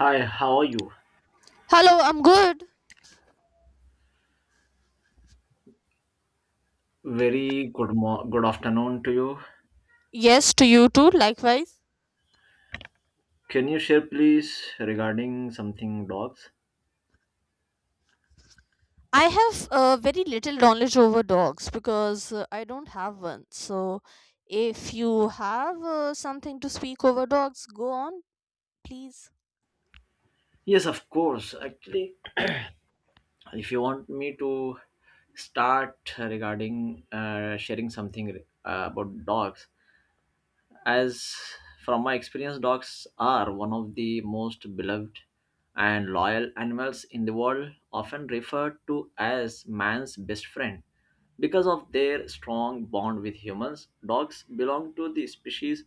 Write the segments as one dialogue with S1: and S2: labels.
S1: Hi, how are you?
S2: Hello, I'm good.
S1: Very good good afternoon to you.
S2: Yes, to you too, likewise.
S1: Can you share please regarding something dogs?
S2: I have very little knowledge over dogs because I don't have one. So, if you have something to speak over dogs, go on, please.
S1: Yes, of course. Actually, if you want me to start regarding sharing something about dogs, As from my experience, dogs are one of the most beloved and loyal animals in the world, often referred to as man's best friend. Because of their strong bond with humans, dogs belong to the species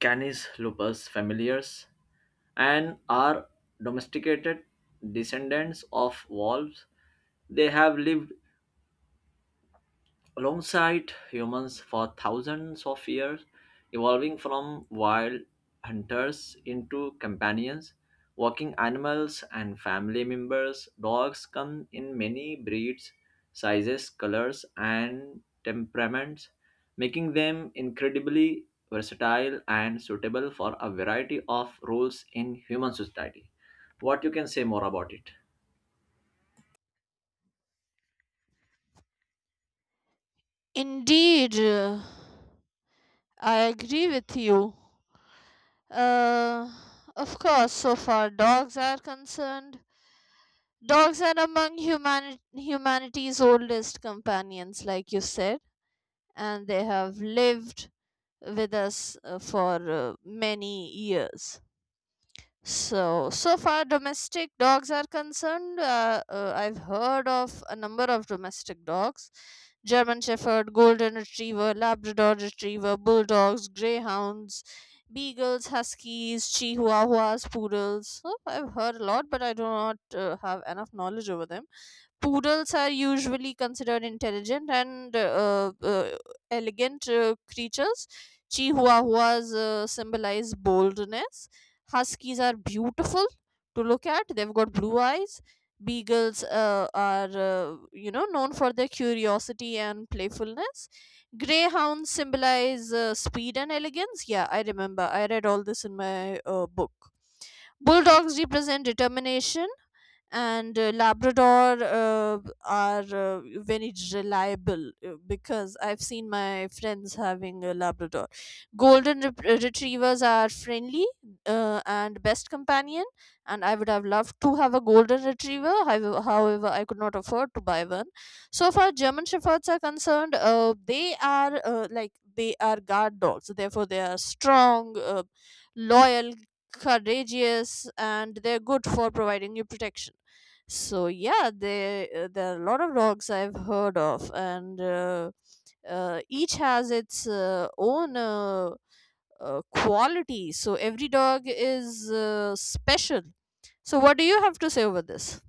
S1: Canis lupus familiaris and are domesticated descendants of wolves. They have lived alongside humans for thousands of years, evolving from wild hunters into companions, walking animals, and family members. Dogs come in many breeds, sizes, colors, and temperaments, making them incredibly versatile and suitable for a variety of roles in human society. What you can say more about it?
S2: Indeed, I agree with you. Uh, of course, so far dogs are concerned, dogs are among humanity's oldest companions, like you said, and they have lived with us for many years. So, so far domestic dogs are concerned, I've heard of a number of domestic dogs: German Shepherd, Golden Retriever, Labrador Retriever, Bulldogs, Greyhounds, Beagles, Huskies, Chihuahuas, Poodles. So I've heard a lot, but I do not have enough knowledge over them. Poodles are usually considered intelligent and elegant creatures. Chihuahuas symbolize boldness. Huskies are beautiful to look at. They've got blue eyes. Beagles are, known for their curiosity and playfulness. Greyhounds symbolize speed and elegance. Yeah, I remember. I read all this in my book. Bulldogs represent determination, and labrador are very reliable, because I've seen my friends having a labrador. Golden retrievers are friendly and best companion, and I would have loved to have a golden retriever. However, I could not afford to buy one. So far German Shepherds are concerned, they are, like, they are guard dogs, therefore they are strong, loyal, courageous, and they're good for providing you protection. So yeah, there are a lot of dogs I've heard of, and each has its own quality. So every dog is special. So what do you have to say over this?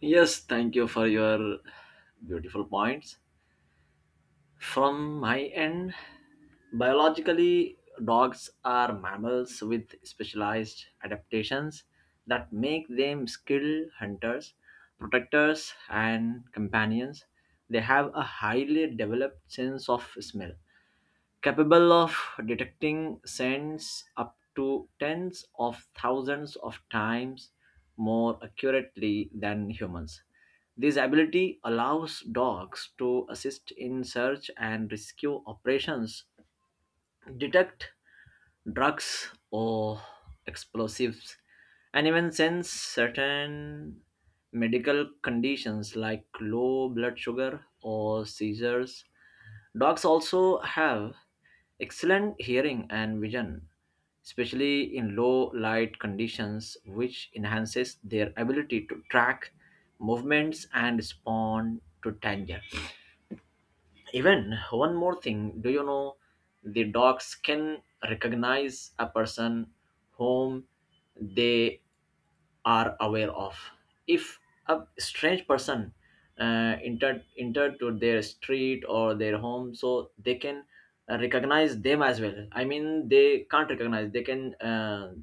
S1: Yes, thank you for your beautiful points. From my end, biologically, dogs are mammals with specialized adaptations that make them skilled hunters, protectors, and companions. They have a highly developed sense of smell, capable of detecting scents up to tens of thousands of times more accurately than humans. This ability allows dogs to assist in search and rescue operations, detect drugs or explosives, and even sense certain medical conditions like low blood sugar or seizures. Dogs also have excellent hearing and vision, especially in low light conditions, which enhances their ability to track movements and respond to danger. Even one more thing, do you know the dogs can recognize a person whom they are aware of. If a strange person entered to their street or their home, so they can recognize them as well. I mean, they can't recognize. They can.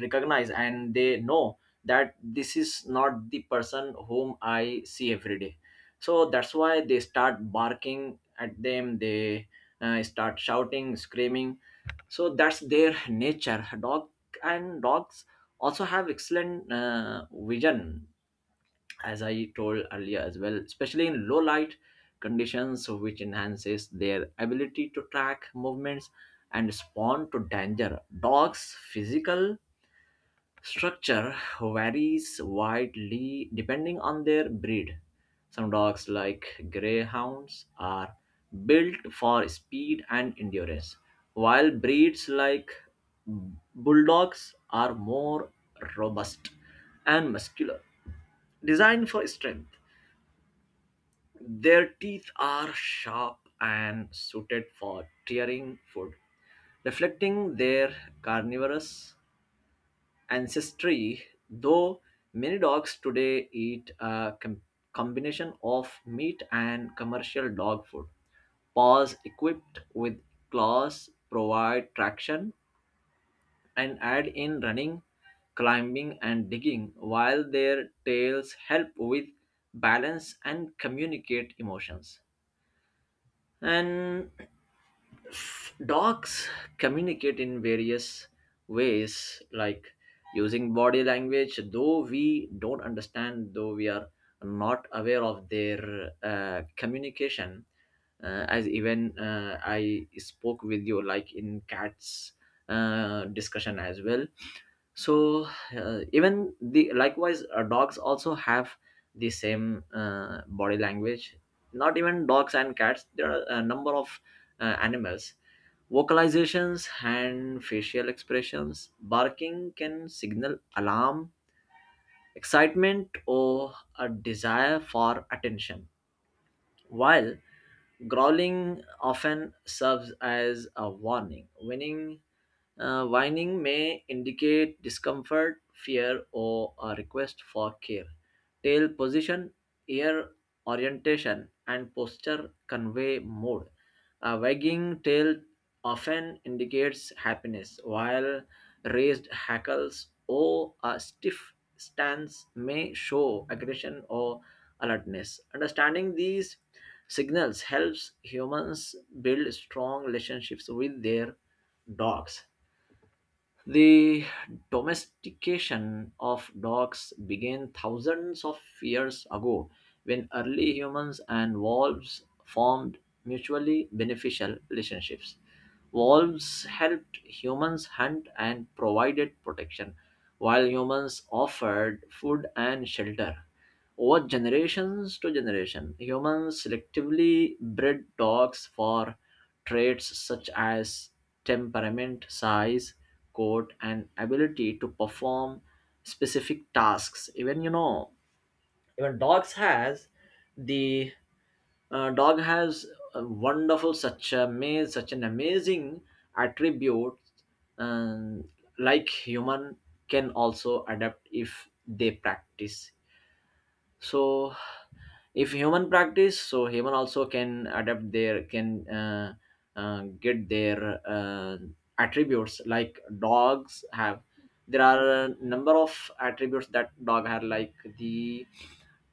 S1: Recognize, and they know that this is not the person whom I see every day. So that's why they start barking at them. They start shouting, screaming. So that's their nature, dog. And dogs also have excellent vision, as I told earlier as well, especially in low light conditions, which enhances their ability to track movements and respond to danger. Dogs' physical structure varies widely depending on their breed. Some dogs, like greyhounds, are built for speed and endurance, while breeds like bulldogs are more robust and muscular, designed for strength. Their teeth are sharp and suited for tearing food, reflecting their carnivorous ancestry, though many dogs today eat a combination of meat and commercial dog food. Paws equipped with claws provide traction and aid in running, climbing, and digging, while their tails help with balance and communicate emotions. And dogs communicate in various ways, like using body language, though we don't understand, though we are not aware of their communication. As even I spoke with you, like in cats discussion as well. So even the likewise, dogs also have the same body language. Not even dogs and cats. There are a number of animals. Vocalizations and facial expressions, barking can signal alarm, excitement, or a desire for attention, while growling often serves as a warning, whining may indicate discomfort, fear, or a request for care. Tail position, ear orientation, and posture convey mood. A wagging tail often indicates happiness, while raised hackles or a stiff stance may show aggression or alertness. Understanding these signals helps humans build strong relationships with their dogs. The domestication of dogs began thousands of years ago when early humans and wolves formed mutually beneficial relationships. Wolves helped humans hunt and provided protection, while humans offered food and shelter. Over generations to generation, humans selectively bred dogs for traits such as temperament, size, coat, and ability to perform specific tasks. Even dogs has the dog has a wonderful, such a such an amazing attribute um, like human can also adapt if they practice. So if human practice, so human also can adapt, their can get their attributes like dogs have. There are a number of attributes that dog have, like the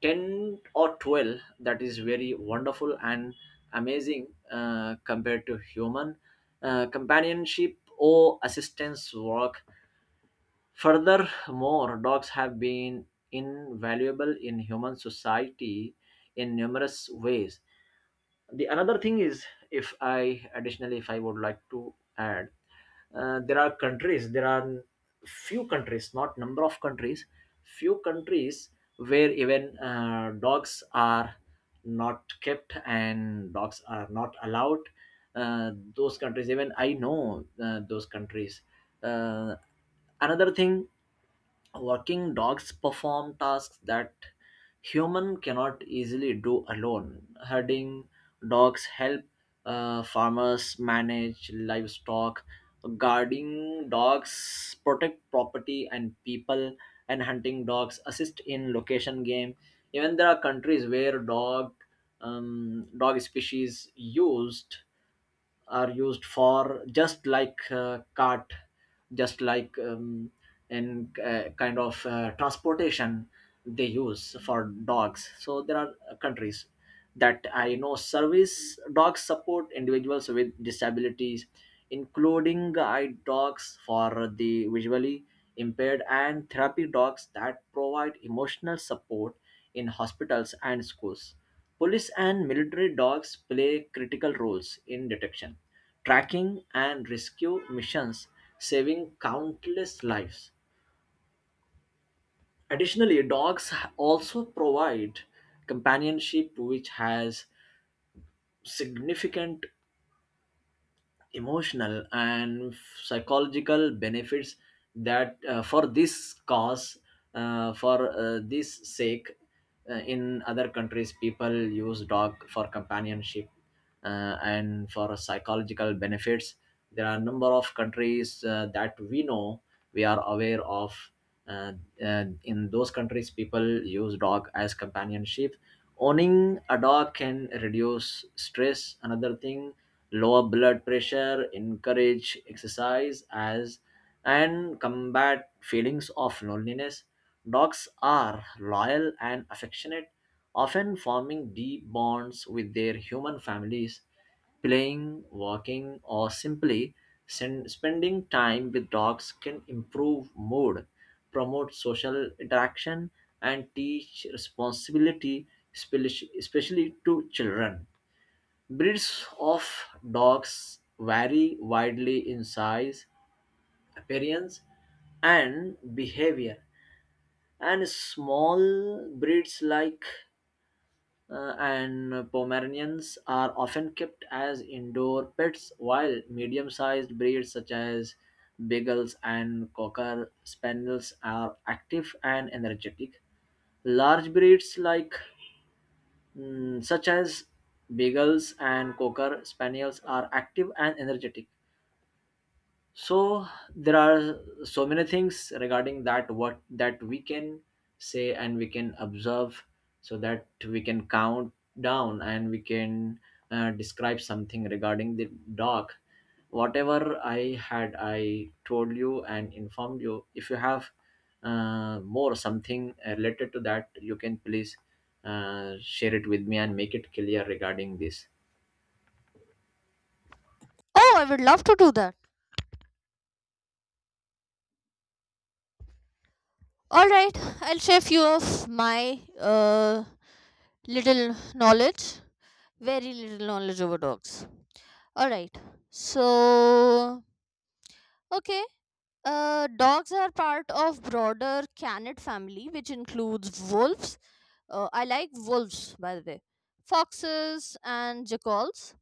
S1: 10 or 12, that is very wonderful and amazing compared to human companionship or assistance work. Furthermore, dogs have been invaluable in human society in numerous ways. The another thing is, if I additionally, if I would like to add, there are countries, there are few countries, not number of countries, few countries where even dogs are not kept and dogs are not allowed. Those countries, even I know those countries. Uh, Another thing. Working dogs perform tasks that human cannot easily do alone. Herding dogs help farmers manage livestock. Guarding dogs protect property and people, and hunting dogs assist in location game. Even there are countries where dog dog species used are used for just like cart, just like in kind of transportation they use for dogs. So there are countries that I know. Service dogs support individuals with disabilities, including eye dogs for the visually impaired, and therapy dogs that provide emotional support in hospitals and schools. Police and military dogs play critical roles in detection, tracking, and rescue missions, saving countless lives. Additionally, dogs also provide companionship, which has significant emotional and psychological benefits. That for this cause, for this sake, in other countries people use dog for companionship and for psychological benefits. There are a number of countries that we know, we are aware of, uh, in those countries people use dog as companionship. Owning a dog can reduce stress, another thing, lower blood pressure, encourage exercise as and combat feelings of loneliness. Dogs are loyal and affectionate, often forming deep bonds with their human families. Playing, walking, or simply spending time with dogs can improve mood, promote social interaction, and teach responsibility, especially to children. Breeds of dogs vary widely in size, appearance, and behavior, and small breeds like and Pomeranians are often kept as indoor pets, while medium sized breeds such as Beagles and Cocker Spaniels are active and energetic. Large breeds like mm, such as Beagles and Cocker Spaniels are active and energetic. So there are so many things regarding that, what that we can say and we can observe, so that we can count down and we can describe something regarding the dog. Whatever I had, I told you and informed you. If you have more something related to that, you can please share it with me and make it clear regarding this.
S2: Oh, I would love to do that. All right, I'll share few of my little knowledge, very little knowledge over dogs. All right, so okay. Dogs are part of broader canid family, which includes wolves. I like wolves, by the way. Foxes and jackals,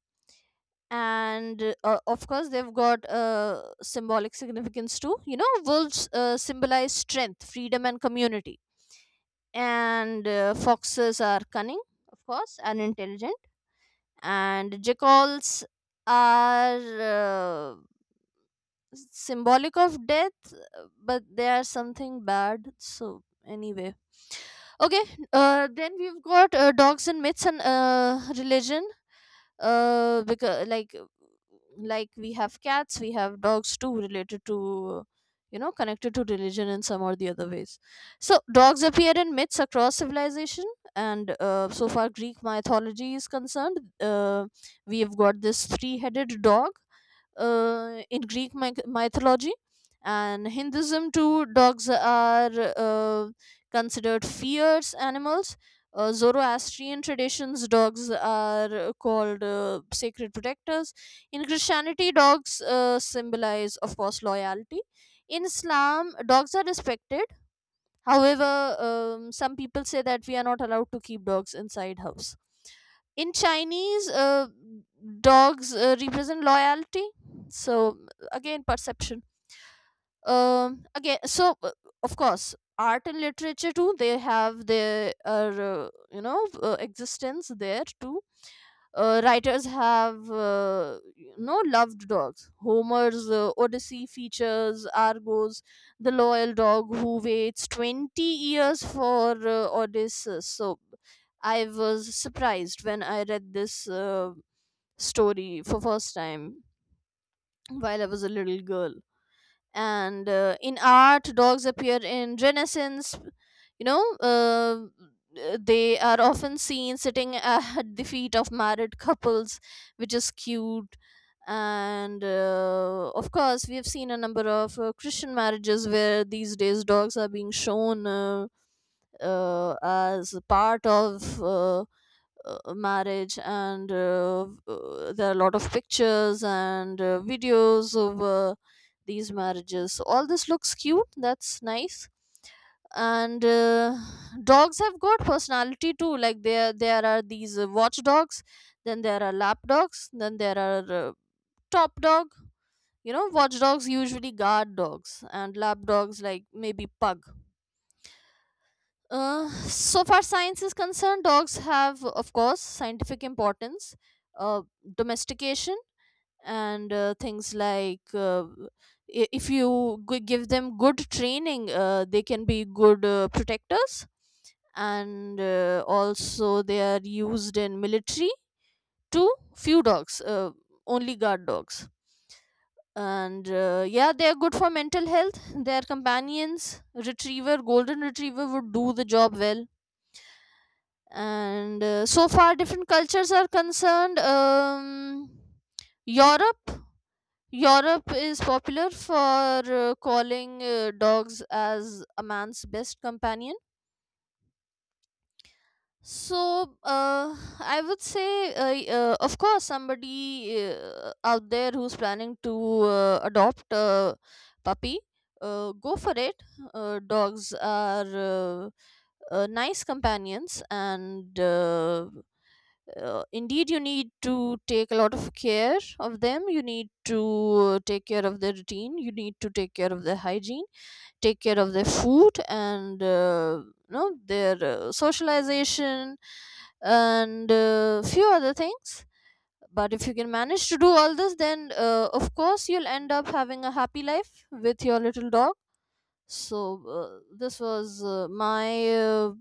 S2: and of course they've got symbolic significance too. You know, wolves symbolize strength, freedom, and community, and foxes are cunning, of course, and intelligent, and jackals are uh, symbolic of death, but they are something bad, so anyway, okay. Then we've got dogs and myths and religion, because, like, we have cats, we have dogs too, related to, you know, connected to religion in some or the other ways. So dogs appear in myths across civilization, and so far Greek mythology is concerned, we have got this three-headed dog in Greek mythology. And Hinduism too, dogs are uh, considered fierce animals. Zoroastrian traditions, dogs are called sacred protectors. In Christianity, dogs symbolize, of course, loyalty. In Islam, dogs are respected. However, some people say that we are not allowed to keep dogs inside house. In Chinese, dogs represent loyalty. So again, perception. Again so Of course, art and literature too, they have their, existence there too. Writers have, loved dogs. Homer's Odyssey features Argos, the loyal dog who waits 20 years for Odysseus. So I was surprised when I read this story for first time, while I was a little girl. And in art dogs appear in Renaissance. You know, they are often seen sitting at the feet of married couples, which is cute. And of course we have seen a number of Christian marriages where these days dogs are being shown, as part of marriage. And there are a lot of pictures and videos of these marriages. So all this looks cute, that's nice. And dogs have got personality too. Like, there are these watch dogs, then there are lap dogs, then there are top dog. You know, watch dogs usually guard dogs, and lap dogs like maybe pug. So far science is concerned, dogs have, of course, scientific importance, uh, domestication, and things like, if you give them good training, they can be good protectors, and also they are used in military too. Few dogs, only guard dogs. And yeah, they are good for mental health. Their companions, retriever, golden retriever, would do the job well. And so far different cultures are concerned, europe europe is popular for calling dogs as a man's best companion. So I would say, of course, somebody out there who's planning to adopt a puppy, go for it. Dogs are nice companions, and indeed you need to take a lot of care of them. You need to take care of their routine, you need to take care of their hygiene, take care of their food, and you know, their socialization, and a few other things. But if you can manage to do all this, then of course you'll end up having a happy life with your little dog. So this was my uh,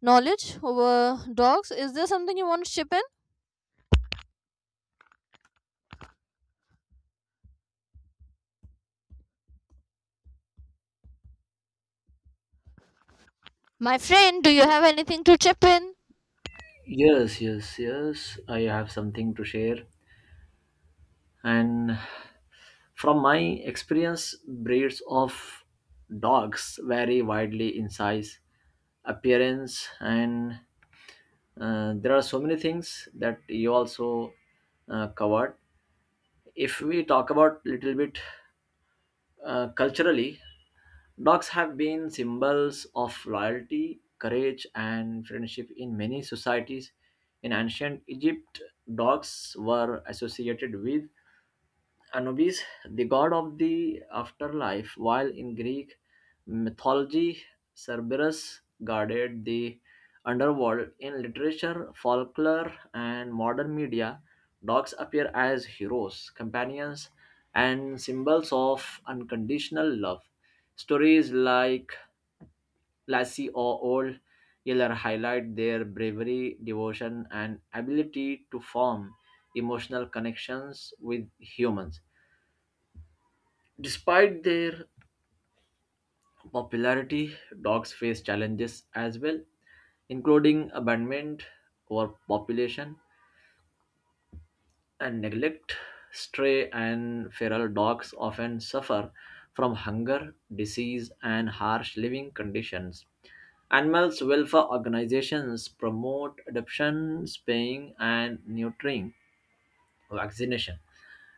S2: knowledge over dogs. Is there something you want to chip in? My friend, do you have anything to chip in?
S1: Yes, yes, yes, I have something to share. And from my experience, breeds of dogs vary widely in size, appearance, and there are so many things that you also covered. If we talk about little bit culturally, dogs have been symbols of loyalty, courage, and friendship in many societies. In ancient Egypt, dogs were associated with Anubis, the god of the afterlife, while in Greek mythology, Cerberus guarded the underworld. In literature, folklore, and modern media, dogs appear as heroes, companions, and symbols of unconditional love. Stories like Lassie or Old Yeller highlight their bravery, devotion, and ability to form emotional connections with humans. Despite their popularity, dogs face challenges as well, including abandonment, overpopulation, and neglect. Stray and feral dogs often suffer from hunger, disease, and harsh living conditions. Animals welfare organizations promote adoption, spaying, and neutering, vaccination,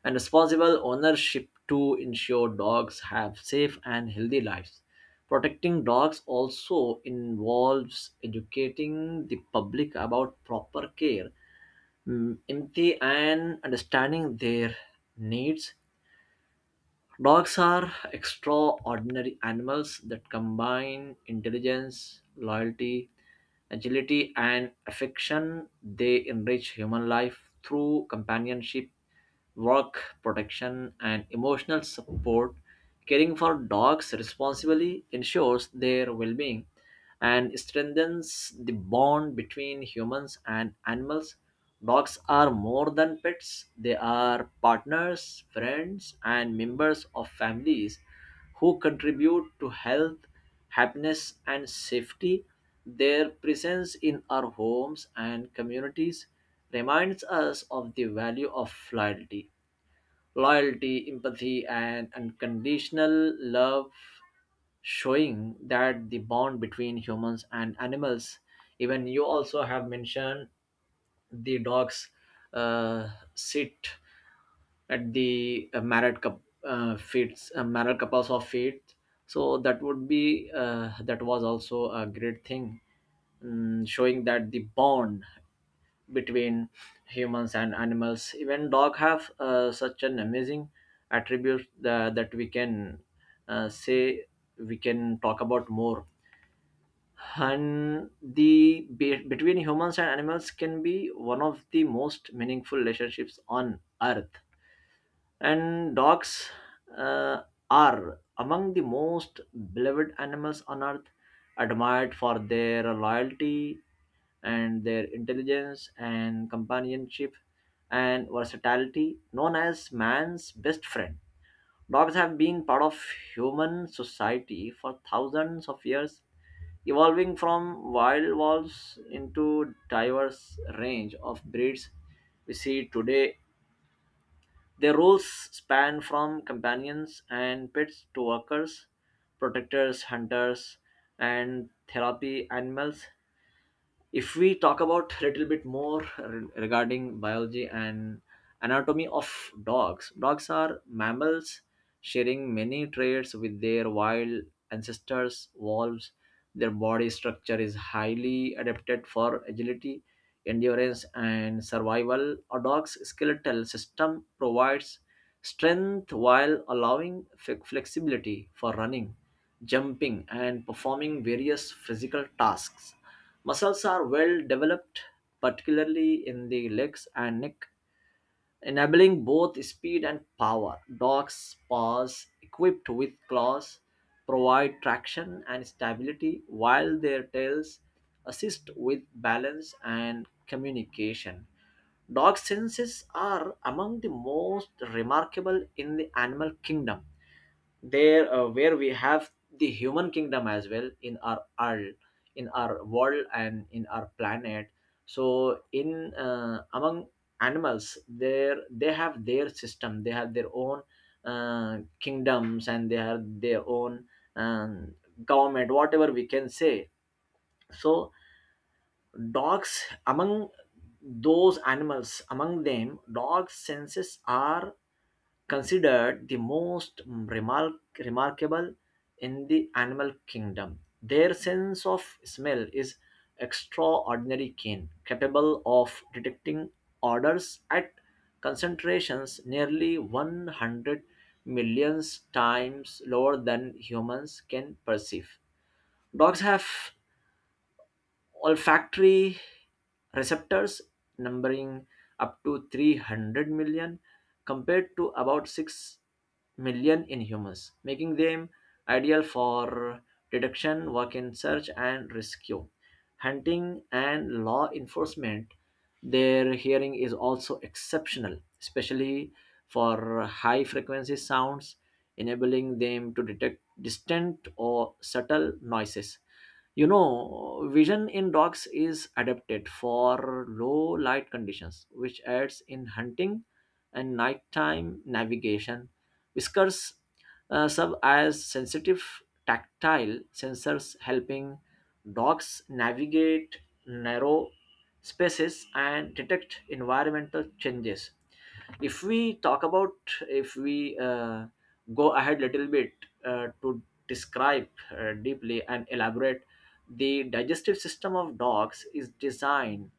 S1: and responsible ownership to ensure dogs have safe and healthy lives. Protecting dogs also involves educating the public about proper care, mm, empathy, and understanding their needs. Dogs are extraordinary animals that combine intelligence, loyalty, agility, and affection. They enrich human life through companionship, work, protection, and emotional support. Caring for dogs responsibly ensures their well being and strengthens the bond between humans and animals. Dogs are more than pets, they are partners, friends, and members of families who contribute to health, happiness, and safety. Their presence in our homes and communities reminds us of the value of loyalty loyalty, empathy, and unconditional love, showing that the bond between humans and animals. Even you also have mentioned the dogs uh, sit at the married feet, married couples of feet. So that would be that was also a great thing, mm, showing that the bond between humans and animals. Even dog have such an amazing attribute that we can say, we can talk about more. And the between humans and animals can be one of the most meaningful relationships on earth. And dogs uh, are among the most beloved animals on earth, admired for their loyalty and their intelligence and companionship and versatility. Known as man's best friend, dogs have been part of human society for thousands of years, evolving from wild wolves into diverse range of breeds we see today. Their roles span from companions and pets to workers, protectors, hunters, and therapy animals. If we talk about a little bit more regarding biology and anatomy of dogs, dogs are mammals sharing many traits with their wild ancestors, wolves. Their body structure is highly adapted for agility, endurance, and survival. A dog's skeletal system provides strength while allowing flexibility for running, jumping, and performing various physical tasks. Muscles are well developed, particularly in the legs and neck, enabling both speed and power. Dogs' paws, equipped with claws, provide traction and stability, while their tails assist with balance and communication. Dog senses are among the most remarkable in the animal kingdom. There where we have the human kingdom as well in our, in our world and in our planet. So in among animals there, they have their system, they have their own kingdoms and they have their own um, government, whatever we can say. So dogs among those animals, among them, dogs' senses are considered the most remarkable in the animal kingdom. Their sense of smell is extraordinary keen, capable of detecting odors at concentrations nearly 100 million times lower than humans can perceive. Dogs have olfactory receptors numbering up to 300 million compared to about 6 million in humans, making them ideal for detection, work in search and rescue, hunting, and law enforcement. Their hearing is also exceptional, especially for high frequency sounds, enabling them to detect distant or subtle noises. You know, vision in dogs is adapted for low light conditions, which aids in hunting and nighttime navigation. Whiskers serve as sensitive tactile sensors, helping dogs navigate narrow spaces and detect environmental changes. If we talk about, if we go ahead little bit to describe deeply and elaborate, the digestive system of dogs is designed,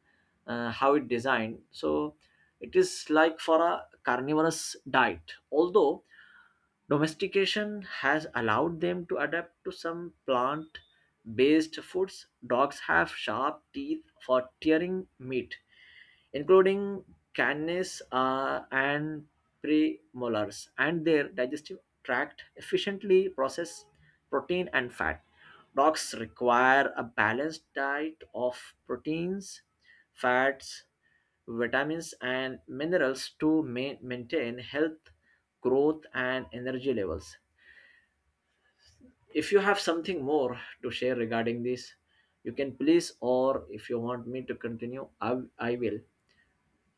S1: how it designed, so it is like for a carnivorous diet, although domestication has allowed them to adapt to some plant based foods. Dogs have sharp teeth for tearing meat, including canis and premolars, and their digestive tract efficiently process protein and fat. Dogs require a balanced diet of proteins, fats, vitamins and minerals to maintain health, growth, and energy levels. If you have something more to share regarding this, you can please, or if you want me to continue, I will.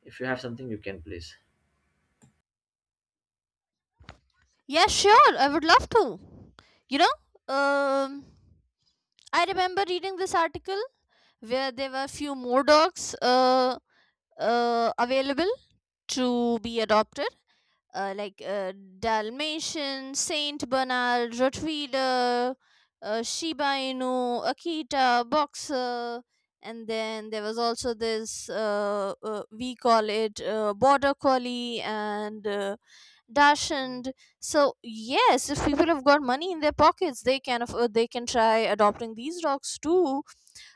S1: If you have something, you can please.
S2: Yeah, sure. I would love to. You know, I remember reading this article where there were few more dogs available to be adopted. Like, Dalmatian, Saint Bernard, Rottweiler, Shiba Inu, Akita, Boxer, and then there was also this, we call it Border Collie, and Dachshund. So yes, if people have got money in their pockets, they can afford, they can try adopting these dogs too.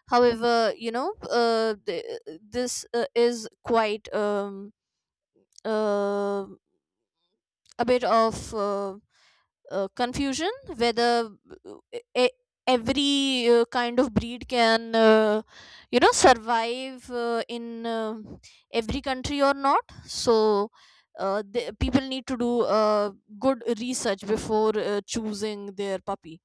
S2: However, you know, this is quite, uh, a bit of confusion whether, uh, e- every kind of breed can, you know, survive in every country or not. So, people need to do good research before choosing their puppy.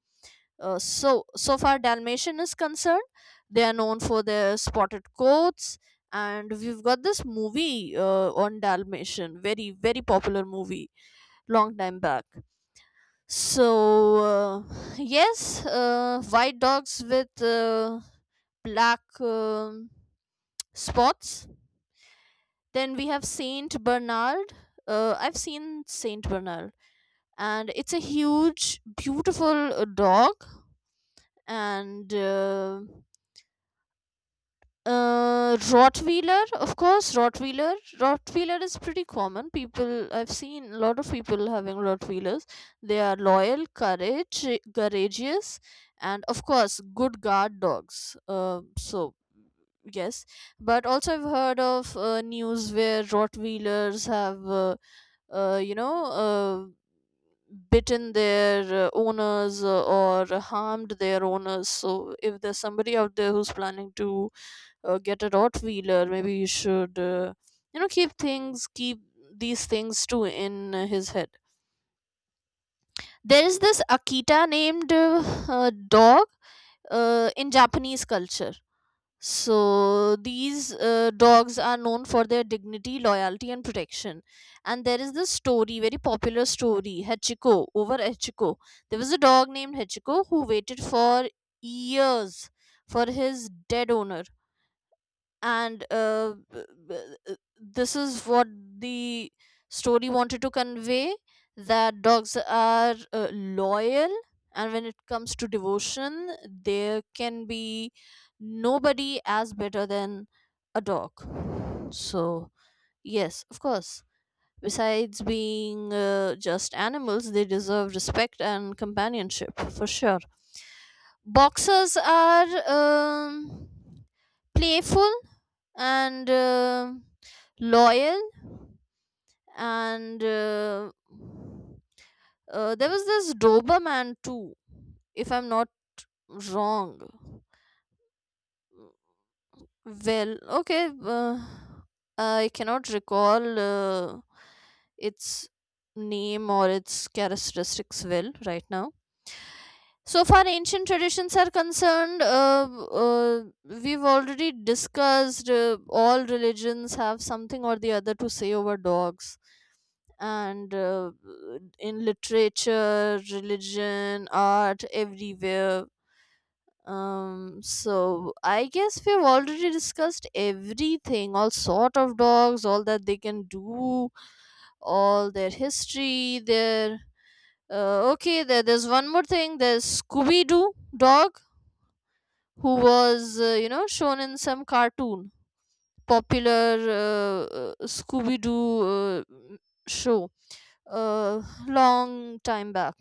S2: So, so far Dalmatian is concerned, they are known for their spotted coats, and we've got this movie on Dalmatian, very very popular movie, long time back. So yes, white dogs with black spots. Then we have Saint Bernard. I've seen Saint Bernard, and it's a huge, beautiful dog, and Rottweiler, of course, Rottweiler. Rottweiler is pretty common. People, I've seen a lot of people having Rottweilers. They are loyal, courageous, and of course, good guard dogs. So, yes. But also, I've heard of news where Rottweilers have, uh, you know, uh, bitten their owners or harmed their owners. So, if there's somebody out there who's planning to get a Rottweiler, maybe you should, you know, keep things, keep these things too in his head. There is this Akita named dog in Japanese culture. So these dogs are known for their dignity, loyalty, and protection. And there is this story, very popular story, Hachiko, over Hachiko. There was a dog named Hachiko who waited for years for his dead owner, and this is what the story wanted to convey, that dogs are loyal, and when it comes to devotion, there can be nobody as better than a dog. So yes, of course, besides being just animals, they deserve respect and companionship for sure. Boxers are playful and loyal, and there was this Doberman too, if I'm not wrong. Well, okay, I cannot recall its name or its characteristics well right now. So far, ancient traditions are concerned, we've already discussed, all religions have something or the other to say over dogs. And in literature, religion, art, everywhere. So I guess we've already discussed everything, all sort of dogs, all that they can do, all their history, their okay. There's one more thing. There's Scooby Doo dog who was, you know, shown in some cartoon, popular Scooby-Doo uh, m- show, uh, long time back.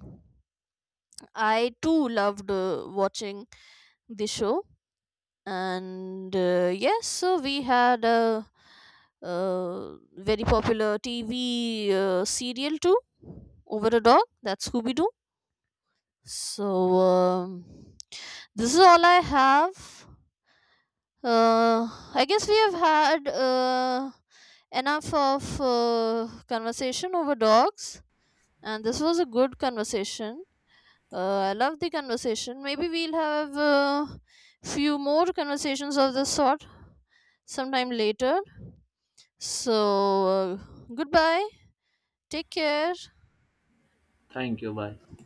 S2: I too loved watching the show. And yes, so we had a, uh very popular TV serial too, over a dog. That's Scooby-Doo. So um, this is all I have. Uh, I guess we have had enough of conversation over dogs, and this was a good conversation. I love the conversation. Maybe we'll have few more conversations of this sort sometime later. So, uh, goodbye. Take care.
S1: Thank you. Bye.